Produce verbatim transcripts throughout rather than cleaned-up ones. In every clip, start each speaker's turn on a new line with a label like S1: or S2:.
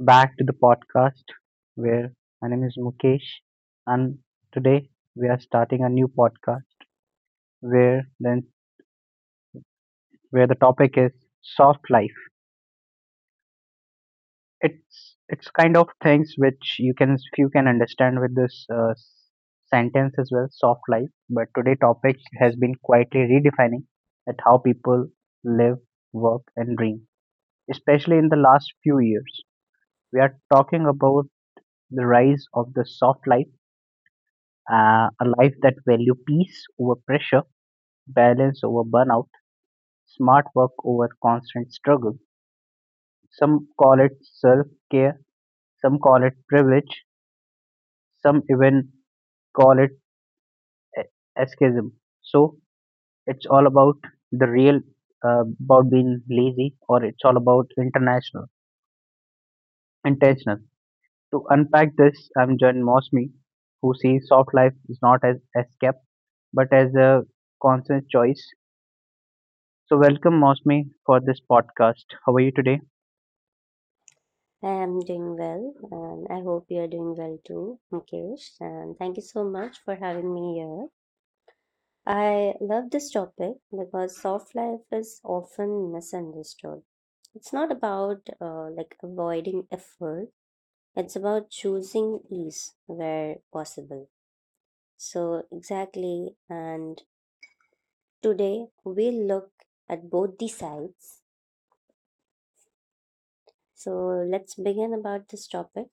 S1: back to the podcast where my name is Mukesh and today we are starting a new podcast where then where the topic is soft life. It's it's kind of things which you can few can understand with this uh, s- sentence as well, soft life. But today topic has been quietly redefining at how people live, work and dream, especially in the last few years. We are talking about the rise of the soft life, uh, a life that value peace over pressure, balance over burnout, smart work over constant struggle. Some call it self-care, some call it privilege, some even call it e- escapism. So it's all about the real uh, about being lazy, or it's all about international intentional. To unpack this, I'm John Mosmi, who sees soft life is not as escape but as a conscious choice. So, welcome, Mosmi, for this podcast. How are you today?
S2: I am doing well, and I hope you are doing well too, Mukesh. And thank you so much for having me here. I love this topic because soft life is often misunderstood. It's not about uh, like avoiding effort, it's about choosing ease where possible. So, exactly. And today we look at both the sides. So, let's begin about this topic.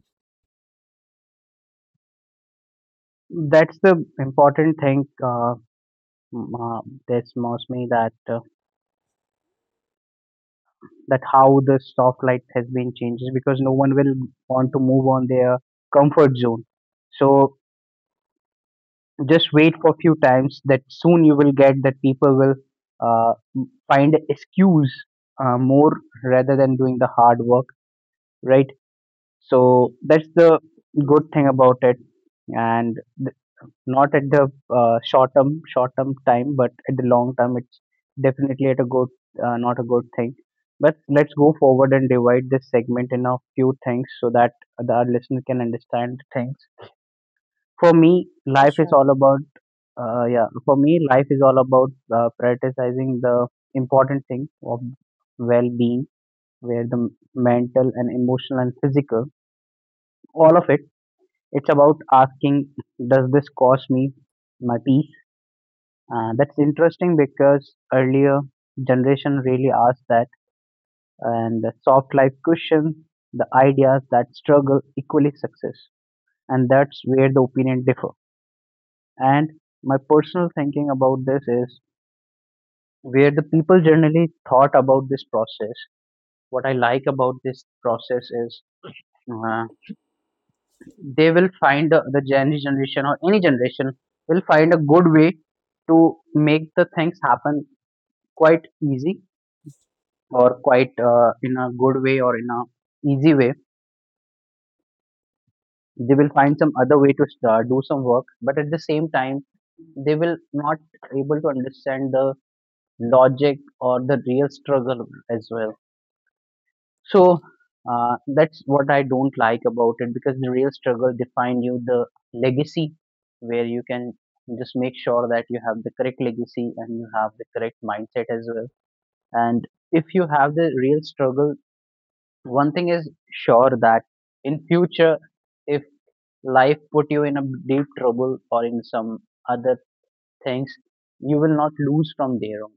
S1: That's the important thing. Uh, m- uh, this Mosmi that uh, that how the soft light has been changed because no one will want to
S2: Yeah.
S1: move on their comfort zone. So just wait for a few times. That soon you will get that people will uh, m- find excuse uh, more rather than doing the hard work, right? So that's the good
S2: Mm,
S1: thing about it and th- not at the uh, short term short term time, but at the long term, it's definitely at a good uh, not a good thing. But let's go forward and divide this segment in a few things so that the our listener can understand things. For me,
S2: for
S1: life is
S2: sure.
S1: all about uh, yeah. For me, life is all about uh, prioritizing the important thing of well-being, where the m- mental and emotional and physical, all of it. It's about asking, does this cost me my peace? Uh, that's interesting because earlier generation really asked that, and the soft life questions the ideas that struggle equally success, and that's where the opinion differ. And my personal thinking about this is where the people generally thought about this process. What I like about this process is uh, they will find the, the Gen Z generation or any generation will find a good way to make the things happen quite easy or quite uh, in a good way or in a easy way they will find some other way to start, do some work but at the same time they will not able to understand the logic or the real struggle as well so uh, that's what I don't like about it because the real struggle define you the legacy where you can just make sure that you have the correct legacy and you have the correct mindset as well and if you have the real struggle one thing is sure that in future if life put you in a deep trouble or in some other things you will not lose from there on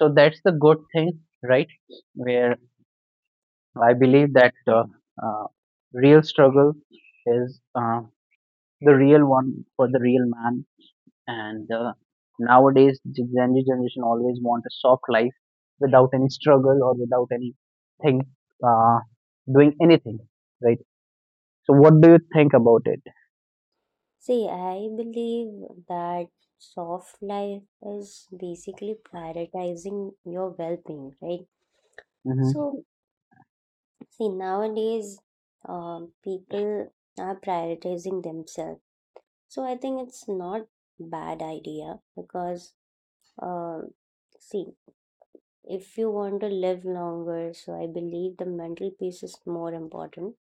S1: so that's the good thing right where I believe that the uh, real struggle is uh, the real one for the real man and uh, nowadays the Gen Z generation always want a soft life without any struggle or without anything uh, doing anything right. So, what do you think about it?
S2: See, I believe that soft life is basically prioritizing your well being, right?
S1: Hmm.
S2: So, see, nowadays um, people are prioritizing themselves. So, I think it's not bad idea because, uh, see, if you want to live longer, so I believe the mental piece is more important.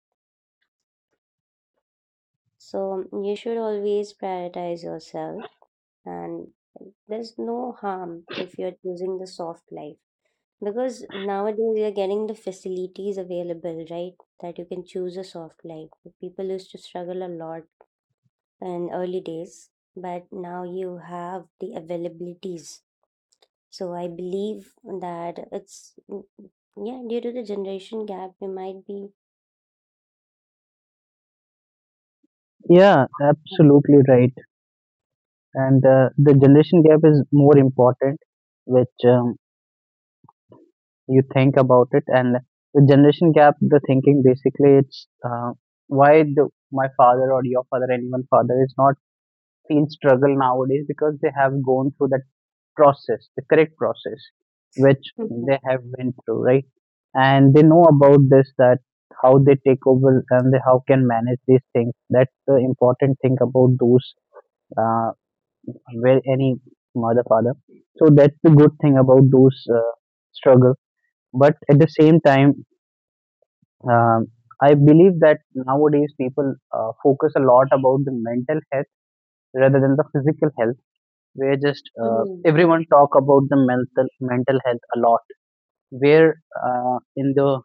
S2: So, you should always prioritize yourself, and there's no harm if you're choosing the soft life, because nowadays you're getting the facilities available, right? That you can choose a soft life. People used to struggle a lot in early days, but now you have the availabilities. So I believe that it's, mm, yeah, due to the generation gap we might be.
S1: Yeah,
S2: Mhm.
S1: absolutely right. And uh, the generation gap is more important, which um, you think about it. And the generation gap, the thinking basically, it's uh, why the, my father or your father, anyone father, is not feel struggle nowadays because they have gone through that process, the correct process, which they have been through, right? And they know about this that how they take over and they, how can manage these things. That's the important thing about those uh, where any mother father. So that's the good thing about those uh, struggle. But at the same time, um, I believe that nowadays people uh, focus a lot about the mental health rather than the physical health. Where just uh,
S2: Mhm.
S1: everyone talk about the mental mental health a lot where uh, in the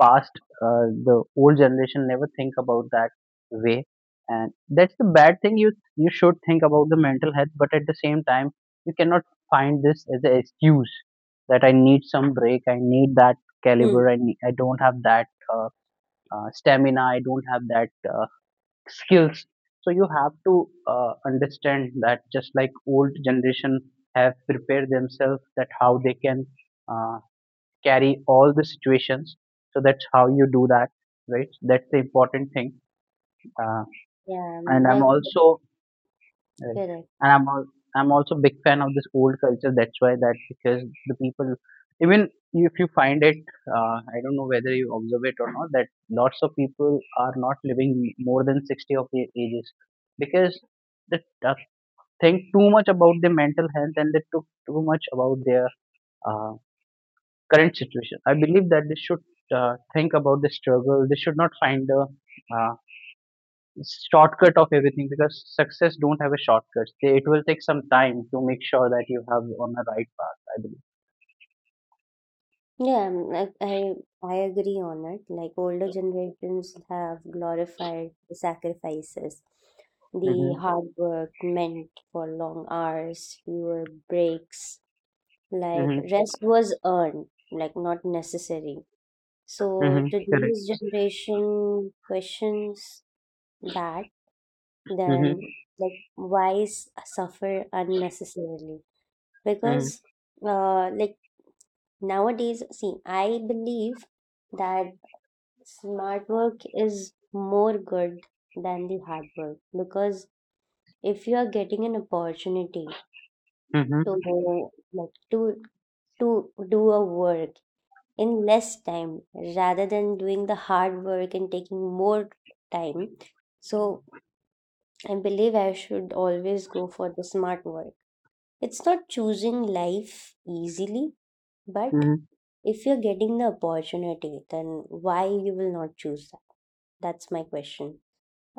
S1: past uh, the old generation never think about that way and that's the bad thing you you should think about the mental health but at the same time you cannot find this as an excuse that I need some break I need that caliber
S2: Mhm.
S1: i, need, I don't have that uh, uh, stamina I don't have that uh, skills so you have to uh, understand that just like old generation have prepared themselves that how they can uh, carry all the situations. So that's how you do that, right? That's the important thing. Uh,
S2: Yeah.
S1: and
S2: Mm,
S1: I'm
S2: that's
S1: also, right, and
S2: correct.
S1: I'm al- I'm also big fan of this old culture. That's why that because the people, even if you find it, uh, I don't know whether you observe it or not, that lots of people are not living more than sixty of their ages because they uh, think too much about their mental health and they took too much about their uh, current situation. I believe that they should uh, think about the struggle. They should not find a uh, shortcut of everything because success don't have a shortcut. They, it will take some time to make sure that you have on the right path. I believe.
S2: Yeah, mm, I I I agree on it. Like older generations have glorified the sacrifices, the
S1: Mm-hmm.
S2: hard work meant for long hours, fewer breaks. Like
S1: Mm-hmm.
S2: rest was earned, like not necessary. So
S1: Mm-hmm. Correct.
S2: today's generation questions that,
S1: Mm-hmm.
S2: then like why s- suffer unnecessarily?
S1: Mm-hmm.
S2: Because uh like nowadays, see, I believe that smart work is more good than the hard work, because if you are getting an opportunity to
S1: Mm-hmm.
S2: go like to to do a work in less time rather than doing the hard work and taking more time, so I believe I should always go for the smart work. It's not choosing life easily, but
S1: Mm-hmm.
S2: if you're getting the opportunity, then why you will not choose that? That's my question.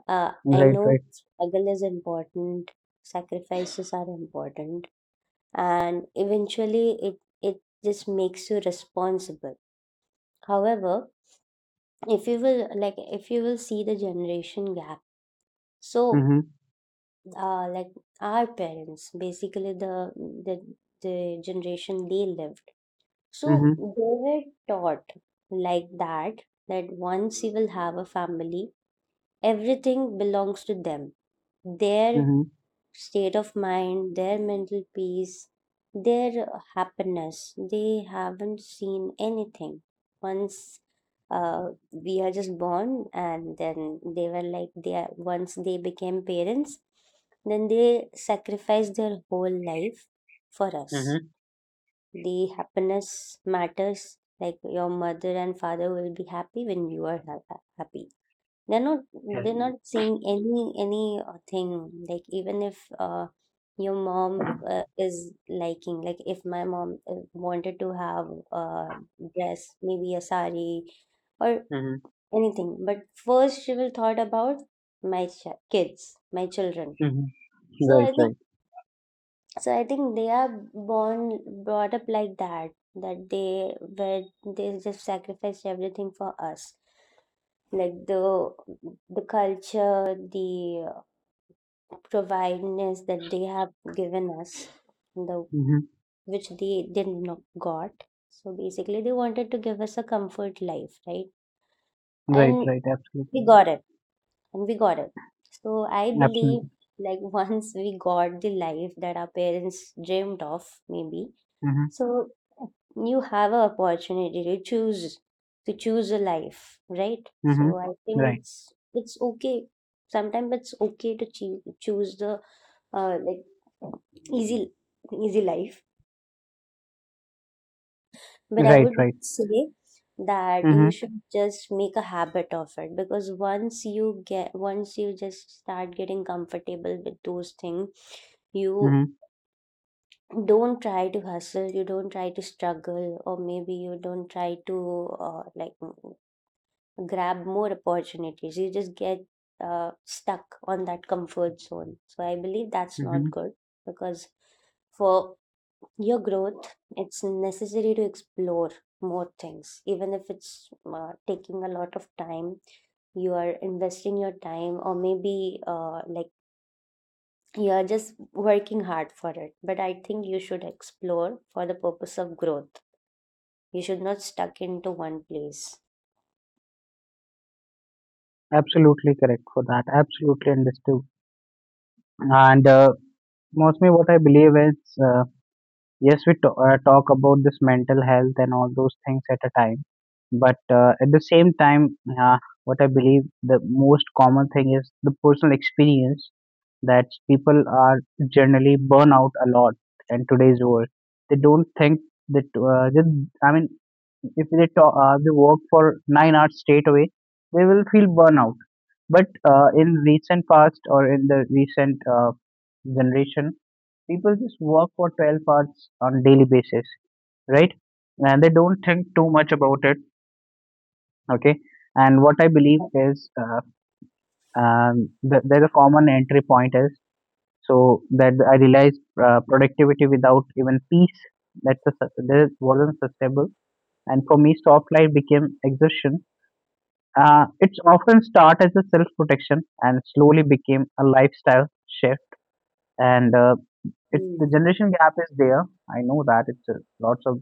S2: Uh, I
S1: Right.
S2: know
S1: Right.
S2: struggle is important, sacrifices are important, and eventually it it just makes you responsible. However, if you will like if you will see the generation gap, so
S1: Mm-hmm.
S2: uh, like our parents, basically the the the generation they lived, so
S1: Mm-hmm.
S2: they were taught like that, that once you will have a family, everything belongs to them. Their
S1: Mm-hmm.
S2: state of mind, their mental peace, their happiness. They haven't seen anything. Once uh, we are just born, and then they were like, they are, once they became parents, then they sacrifice their whole life for us.
S1: Mm-hmm.
S2: The happiness matters. Like your mother and father will be happy when you are ha- happy. They're not,
S1: Correct.
S2: they're not seeing any any uh, thing. Like even if uh, your mom uh, is liking, like if my mom uh, wanted to have a dress, maybe a sari or
S1: Mm-hmm.
S2: anything, but first she will thought about my ch- kids, my children.
S1: Mm-hmm.
S2: So
S1: Right.
S2: I think,
S1: Right.
S2: so I think they are born brought up like that, that they where they just sacrifice everything for us, like the the culture, the providence that they have given us, the
S1: Mm-hmm.
S2: which they did not got. So basically they wanted to give us a comfort life, right?
S1: Right.
S2: And
S1: Right.
S2: we
S1: Absolutely.
S2: got it, and we got it. So I
S1: Right.
S2: believe,
S1: Absolutely.
S2: like once we got the life that our parents dreamed of, maybe,
S1: Mm-hmm.
S2: so you have an opportunity to choose to choose a life, right?
S1: Mm-hmm.
S2: So I think
S1: Right.
S2: it's it's okay, sometimes it's okay to choo- choose the uh, like easy easy life. But I
S1: Right.
S2: would
S1: Right.
S2: say that
S1: Mm-hmm.
S2: you should just make a habit of it, because once you get, once you just start getting comfortable with those things, you
S1: Mm-hmm.
S2: don't try to hustle, you don't try to struggle, or maybe you don't try to uh, like m- grab more opportunities. You just get uh, stuck on that comfort zone. So I believe that's not
S1: Mm-hmm.
S2: good, because for your growth it's necessary to explore more things, even if it's uh, taking a lot of time. You are investing your time, or maybe uh, like you are just working hard for it. But I think you should explore for the purpose of growth. You should not stuck into one place.
S1: Absolutely correct for that. Absolutely understood. And uh, mostly what I believe is, uh, yes, we to- uh, talk about this mental health and all those things at a time. But uh, at the same time, uh, what I believe the most common thing is the personal experience that people are generally burn out a lot in today's world. They don't think that, uh, that I mean, if they talk, uh, they work for nine hours straight away, they will feel burnout. But uh, in recent past or in the recent uh, generation, people just work for twelve hours on daily basis, right? And they don't think too much about it. Okay. And what I believe is uh, um, the, there's a common entry point is so that I realized uh, productivity without even peace that's a, that wasn't sustainable. And for me, soft life became exhaustion. Uh, it's often start as a self-protection and slowly became a lifestyle shift. And uh, it, the
S2: Mm.
S1: generation gap is there. I know that it's a, lots of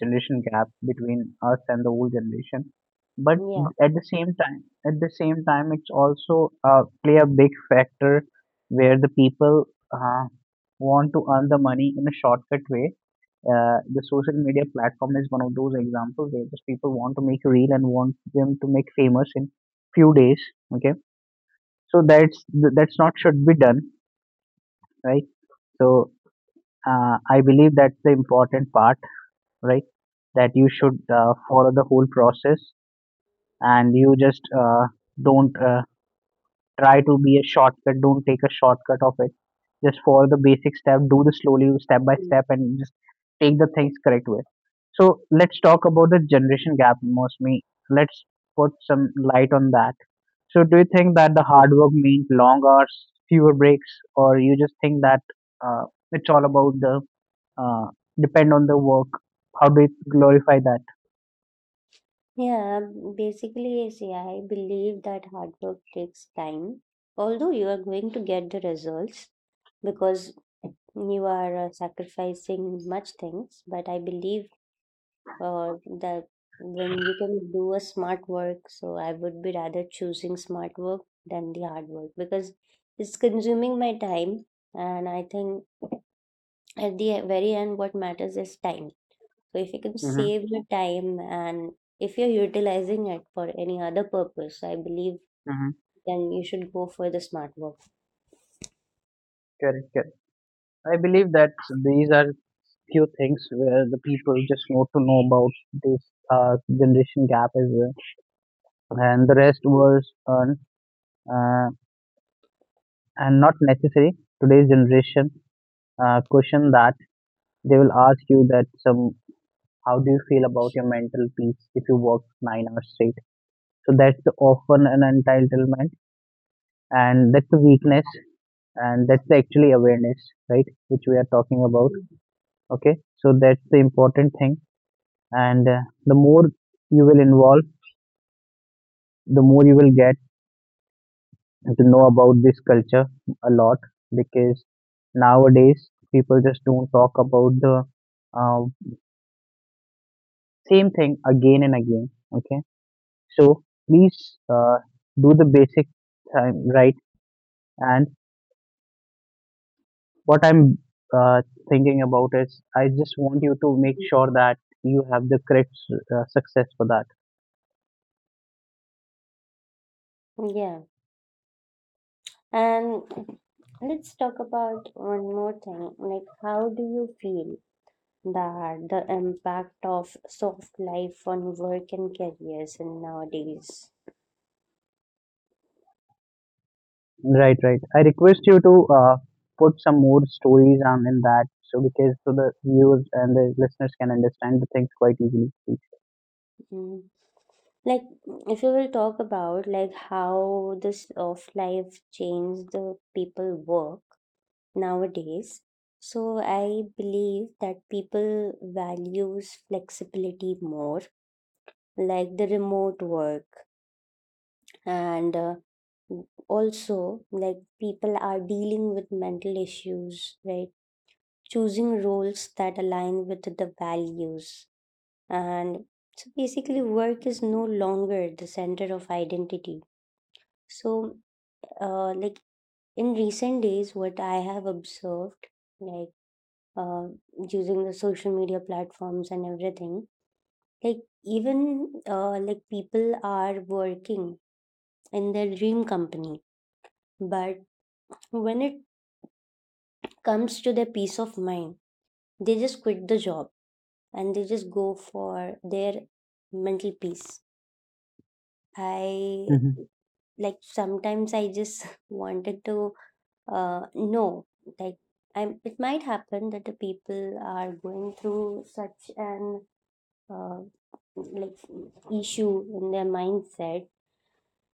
S1: generation gap between us and the old generation. But
S2: Yeah.
S1: at the same time, at the same time, it's also uh, play a big factor where the people uh, want to earn the money in a shortcut way uh, the social media platform is one of those examples where just people want to make a reel and want them to make famous in few days. Okay, so that's that's not should be done, right? So uh, I believe that's the important part, right? That you should uh, follow the whole process and you just uh, don't uh, try to be a shortcut. Don't take a shortcut of it just for the basic step do the slowly step by step and just take the things correct way so let's talk about the generation gap mostly let's put some light on that so do you think that the hard work means long hours fewer breaks or you just think that uh, it's all about the uh, depend on the work how do you glorify that.
S2: Yeah, basically, see, I believe that hard work takes time, although you are going to get the results because you are uh, sacrificing much things. But I believe uh, that when you can do a smart work, so I would be rather choosing smart work than the hard work, because it's consuming my time, and I think at the e-, very end, what matters is time. So if you can
S1: Mm-hmm.
S2: save your time and if you're utilizing it for any other purpose, I believe
S1: Mm-hmm.
S2: then you should go for the smart work.
S1: Correct, correct. I believe that these are few things where the people just need to know about this uh, generation gap as well. And the rest was earned uh, and not necessary. Today's generation uh, question that they will ask you that some how do you feel about your mental peace if you work nine hours straight? So that's often an entitlement and that's a weakness and that's actually awareness, right? Which we are talking about. Okay, so that's the important thing. And uh, the more you will involve, the more you will get to know about this culture a lot because nowadays people just don't talk about the uh, same thing again and again. Okay, so please uh, do the basic time right. And what I'm uh, thinking about is, I just want you to make
S2: Mhm.
S1: sure that you have the correct uh, success for that.
S2: Yeah. And let's talk about one more thing. Like, how do you feel that the impact of soft life on work and careers in nowadays?
S1: Right, right. I request you to uh, put some more stories on in that, so because so the viewers and the listeners can understand the things quite easily.
S2: Mm. Like, if you will talk about like how this soft life changed the people work nowadays. So I believe that people values flexibility more, like the remote work, and uh, also like people are dealing with mental issues, right? Choosing roles that align with the values, and so basically work is no longer the center of identity. So uh, like in recent days, what I have observed, like uh, using the social media platforms and everything, like even uh, like people are working in their dream company, but when it comes to their peace of mind, they just quit the job, and they just go for their mental peace. I
S1: Mhm.
S2: like sometimes I just wanted to uh, know, like I'm, it might happen that the people are going through such an uh, like issue in their mindset,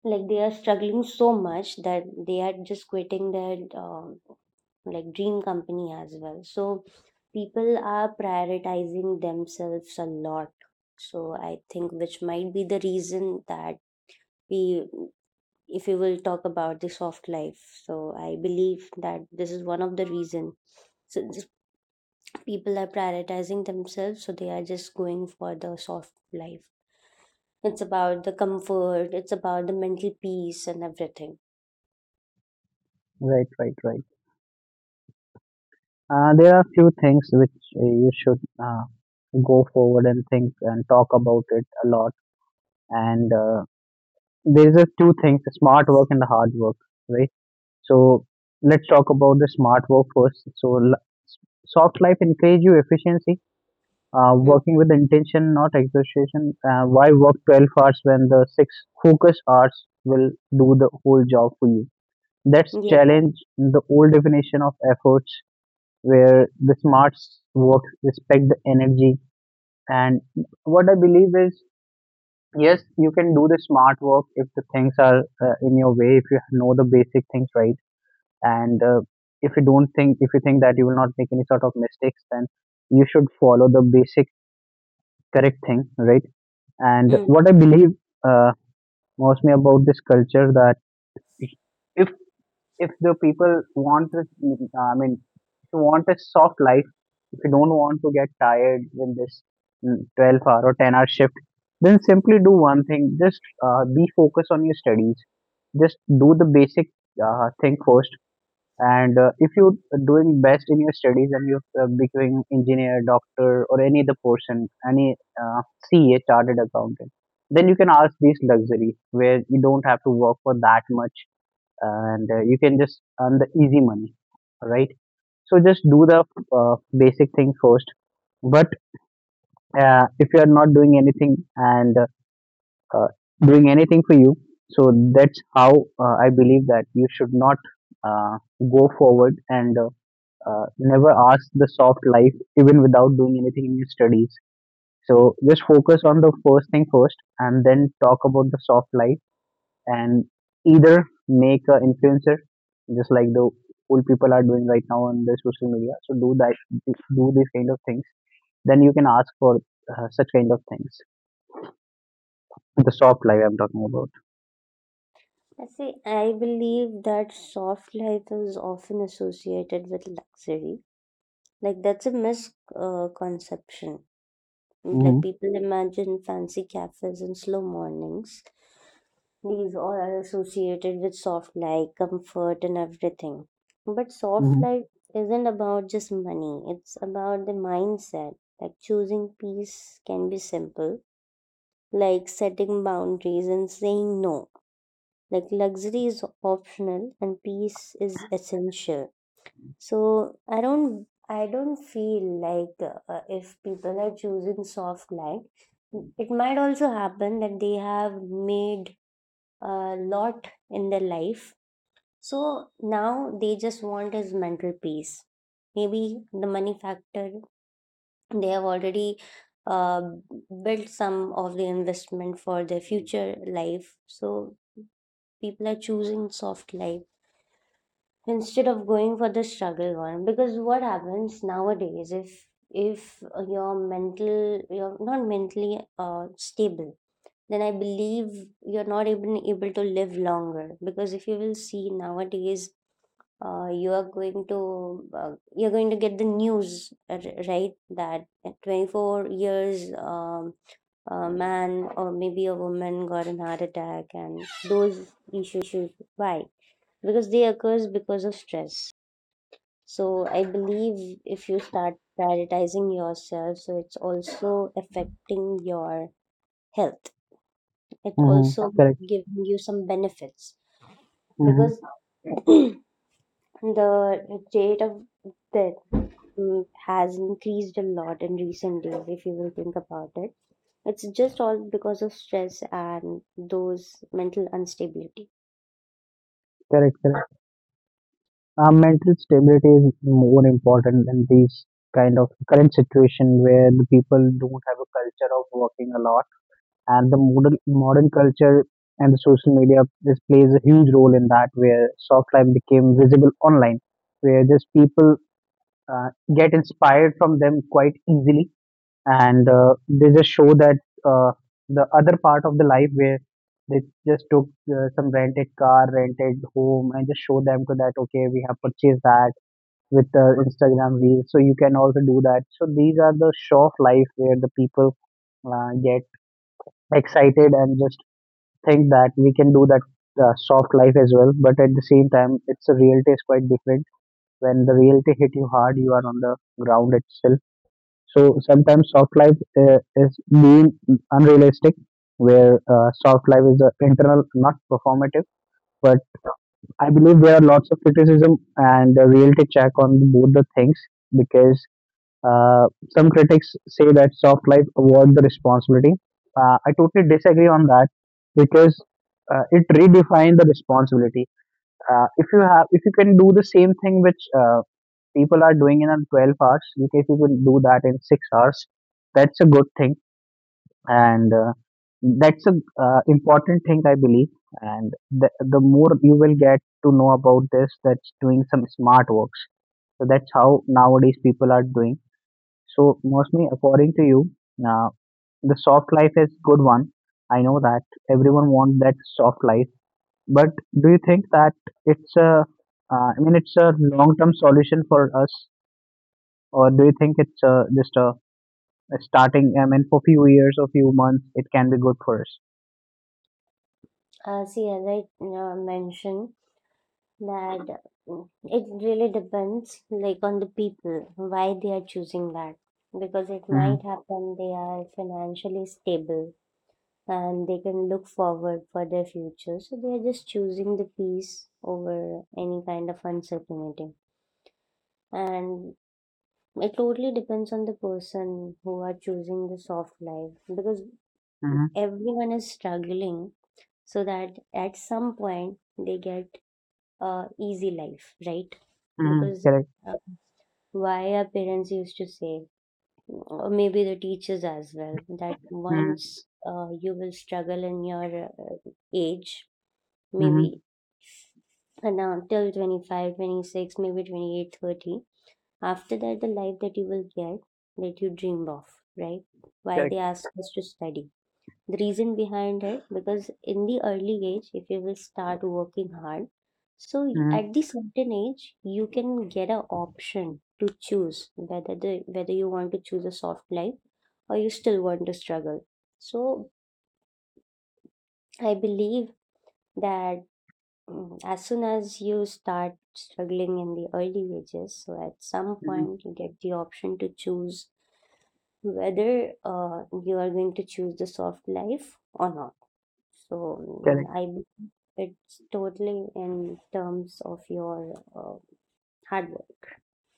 S2: like they are struggling so much that they are just quitting their um, like dream company as well. So people are prioritizing themselves a lot, so I think which might be the reason that we, if you will talk about the soft life, so I believe that this is one of the reason. So just people are prioritizing themselves, so they are just going for the soft life. It's about the comfort, it's about the mental peace and everything.
S1: Right, right, right. Uh, there are few things which uh, you should uh, go forward and think and talk about it a lot. And uh, there's a two things: the smart work and the hard work, right? So let's talk about the smart work first. So l- soft life encourage you efficiency, uh,
S2: Mm.
S1: working with intention, not exhaustion. Uh, why work twelve hours when the six focus hours will do the whole job for you? That's
S2: Yeah. Yeah.
S1: challenge the old definition of efforts where the smarts work respect the energy. And what I believe is, yes, you can do the smart work if the things are uh, in your way, if you know the basic things right, and uh, if you don't think, if you think that you will not make any sort of mistakes, then you should follow the basic correct thing, right? And
S2: Mm.
S1: what I believe uh, mostly about this culture, that if if the people want this, I mean, if you want a soft life, if you don't want to get tired in this mm, twelve hour or ten hour shift, then simply do one thing. Just uh, be focused on your studies. Just do the basic uh, thing first. And uh, if you're doing best in your studies and you're uh, becoming engineer, doctor, or any other person, any uh, C A, chartered accountant, then you can ask these luxuries where you don't have to work for that much, and uh, you can just earn the easy money, right? So just do the uh, basic thing first. But uh, if you are not doing anything and uh, doing anything for you, so that's how uh, I believe that you should not uh, go forward and uh, uh, never ask the soft life even without doing anything in your studies. So just focus on the first thing first, and then talk about the soft life, and either make an influencer just like the old people are doing right now on their social media. So do that, do these kind of things, then you can ask for uh, such kind of things, the soft life I'm talking about.
S2: I see, I believe that soft life is often associated with luxury. Like that's a misconception. Like
S1: Mm-hmm.
S2: people imagine fancy cafes and slow mornings. These all are associated with soft life, comfort and everything. But soft
S1: Mm-hmm.
S2: life isn't about just money. It's about the mindset. Like choosing peace can be simple, like setting boundaries and saying no. Like luxury is optional and peace is essential. So I don't I don't feel like uh, if people are choosing soft life, it might also happen that they have made a lot in their life. So now they just want is mental peace. Maybe the money factor they have already uh, built some of the investment for their future life. So people are choosing soft life instead of going for the struggle one. Because what happens nowadays, if if you're mental, you're not mentally uh, stable, then I believe you're not even able to live longer. Because if you will see nowadays, uh, you are going to uh, you're going to get the news, uh, right, that at twenty-four years um, a man or maybe a woman got an heart attack, and those issues. Why? Because they occurs because of stress. So I believe if you start prioritizing yourself, so it's also affecting your health, it
S1: Mm-hmm.
S2: also
S1: Correct.
S2: giving you some benefits,
S1: Mm-hmm.
S2: because the rate of death mm, has increased a lot in recent days, if you will think about it. It's just all because of stress and those mental instability.
S1: Correct, correct. Uh, mental stability is more important than these kind of current situation where the people don't have a culture of working a lot. And the modern modern culture and the social media, this plays a huge role in that, where soft life became visible online, where just people uh, get inspired from them quite easily, and uh, they just show that uh, the other part of the life where they just took uh, some rented car, rented home, and just show them to that, okay, we have purchased that with the Instagram reels, so you can also do that. So these are the show of life where the people uh, get excited and just think that we can do that uh, soft life as well. But at the same time, it's a reality is quite different. When the reality hit you hard, you are on the ground itself. So sometimes soft life uh, is being unrealistic, where uh, soft life is uh, internal, not performative. But I believe there are lots of criticism and a reality check on both the things, because uh, some critics say that soft life avoid the responsibility. Uh, I totally disagree on that, because uh, it redefines the responsibility. Uh, if you have, if you can do the same thing which uh, people are doing in twelve hours, you can, if you can do that in six hours, that's a good thing, and uh, that's a uh, important thing I believe. And the the more you will get to know about this, that's doing some smart works. So that's how nowadays people are doing. So, mostly according to you, uh, the soft life is good one. I know that everyone wants that soft life, but do you think that it's a, uh, I mean, it's a long-term solution for us, or do you think it's uh just a, a starting? I mean, for few years or few months, it can be good for us.
S2: Uh, see, as I uh, mentioned, that mm, it really depends, like on the people, why they are choosing that. Because it might
S1: Mm-hmm.
S2: happen they are financially stable and they can look forward for their future. So they are just choosing the peace over any kind of uncertainty. And it totally depends on the person who are choosing the soft life, because
S1: Mm-hmm.
S2: everyone is struggling so that at some point they get a easy life, right?
S1: Mm-hmm.
S2: Because
S1: Correct.
S2: uh, why our parents used to say, or maybe the teachers as well, that
S1: Mm-hmm.
S2: once uh, you will struggle in your uh, age
S1: Mm-hmm.
S2: maybe, and now till twenty-five twenty-six, maybe twenty eight, thirty. After that the life that you will get that you dreamed of, right? Why
S1: Correct.
S2: they ask us to study, the reason behind it, because in the early age, if you will start working hard, so y-
S1: Mm-hmm.
S2: at the certain age, you can get an option to choose whether the whether you want to choose a soft life, or you still want to struggle. So I believe that, mm, as soon as you start struggling in the early ages, so at some
S1: Mm-hmm.
S2: point you get the option to choose whether uh, you are going to choose the soft life or not. So mm,
S1: Correct.
S2: I It's totally in terms of your uh, hard work,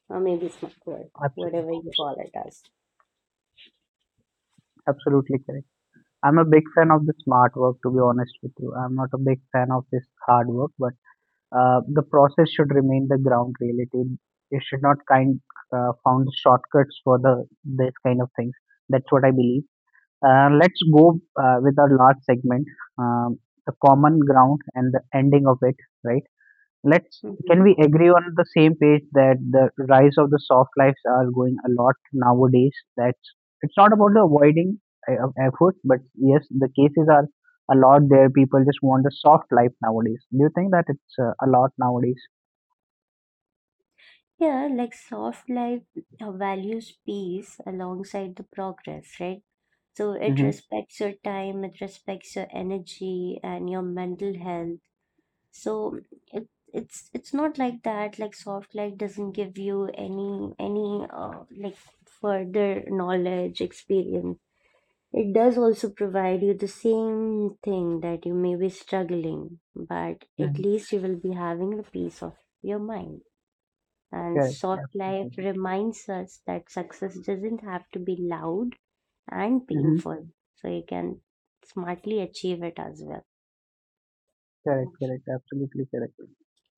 S2: or maybe smart work,
S1: Absolutely.
S2: whatever you call it as.
S1: Absolutely correct. I'm a big fan of the smart work, to be honest with you. I'm not a big fan of this hard work, but uh, the process should remain the ground reality. You should not kind uh, found shortcuts for the this kind of things. That's what I believe. Uh, let's go uh, with our last segment, um, the common ground and the ending of it, right? Let's, can
S2: Hmm.
S1: we agree on the same page that the rise of the soft lives are going a lot nowadays, that's it's not about the avoiding uh, of effort, but yes, the cases are a lot there, people just want a soft life nowadays. Do you think that it's uh, a lot nowadays?
S2: Yeah, like soft life uh, values peace alongside the progress, right? So it
S1: Mm-hmm.
S2: respects your time, it respects your energy and your mental health. So it, it's it's not like that. Like soft life doesn't give you any any uh, like further knowledge, experience. It does also provide you the same thing that you may be struggling, but at
S1: Hmm.
S2: least you will be having the peace of your mind. And
S1: Correct.
S2: soft life
S1: Absolutely.
S2: reminds us that success doesn't have to be loud and
S1: Mm-hmm.
S2: painful, so you can smartly achieve it as well.
S1: Correct, correct. Absolutely correct.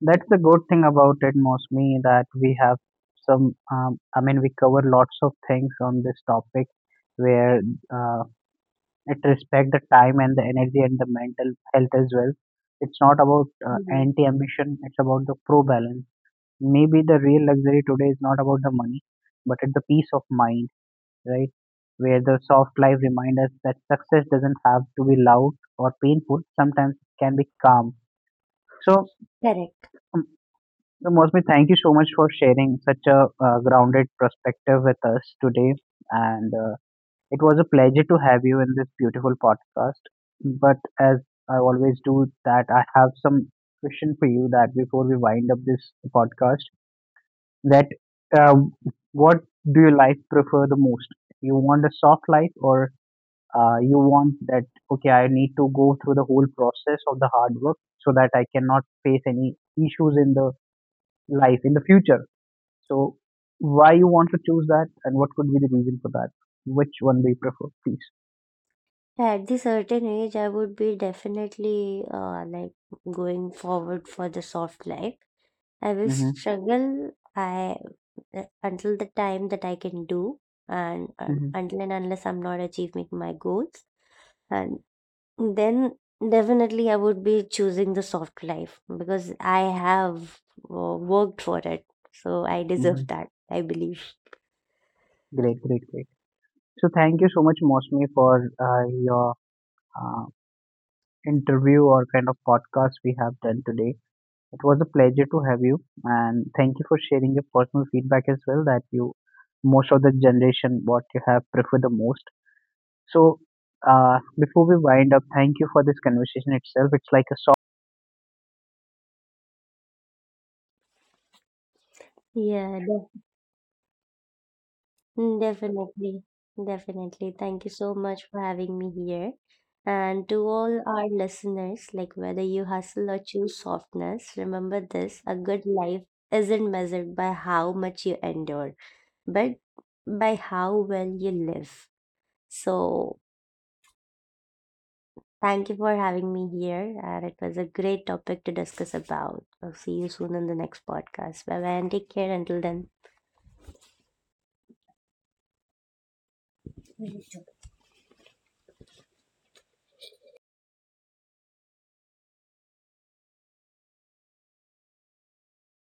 S1: That's the good thing about it, mostly, that we have some um, I mean, we cover lots of things on this topic, where uh, it respect the time and the energy and the mental health as well. It's not about uh,
S2: Mhm.
S1: anti ambition, it's about the pro balance. Maybe the real luxury today is not about the money, but it's the peace of mind, right? Where the soft life reminds us that success doesn't have to be loud or painful, sometimes it can be calm. So
S2: Correct.
S1: um, mostly thank you so much for sharing such a uh, grounded perspective with us today, and uh, it was a pleasure to have you in this beautiful podcast. But as I always do, that I have some question for you. That before we wind up this podcast, that um, what do you like prefer the most? You want a soft life, or uh, you want that, okay, I need to go through the whole process of the hard work so that I cannot face any issues in the life in the future. So, why you want to choose that, and what could be the reason for that? Which one do you prefer,
S2: At the certain age, I would be definitely uh, like going forward for the soft life. I will
S1: please?
S2: struggle, I uh, until the time that I can do, and um,
S1: Mhm,
S2: until and unless I'm not achieving my goals. And then definitely I would be choosing the soft life, because I have uh, worked for it, so I deserve
S1: mhm.
S2: that, I believe.
S1: Great, great, great. So thank you so much, Mosmi, for uh, your uh, interview or kind of podcast we have done today. It was a pleasure to have you, and thank you for sharing your personal feedback as well. That you, most of the generation, what you have preferred the most. So, uh, before we wind up, thank you for this conversation itself. It's like a soft
S2: Yeah. De- definitely, definitely. Thank you so much for having me here, and to all our listeners, like whether you hustle or choose softness, remember this: a good life isn't measured by how much you endure, but by how well you live. So thank you for having me here, and it was a great topic to discuss about. I'll see you soon in the next podcast. Bye bye and take care until then.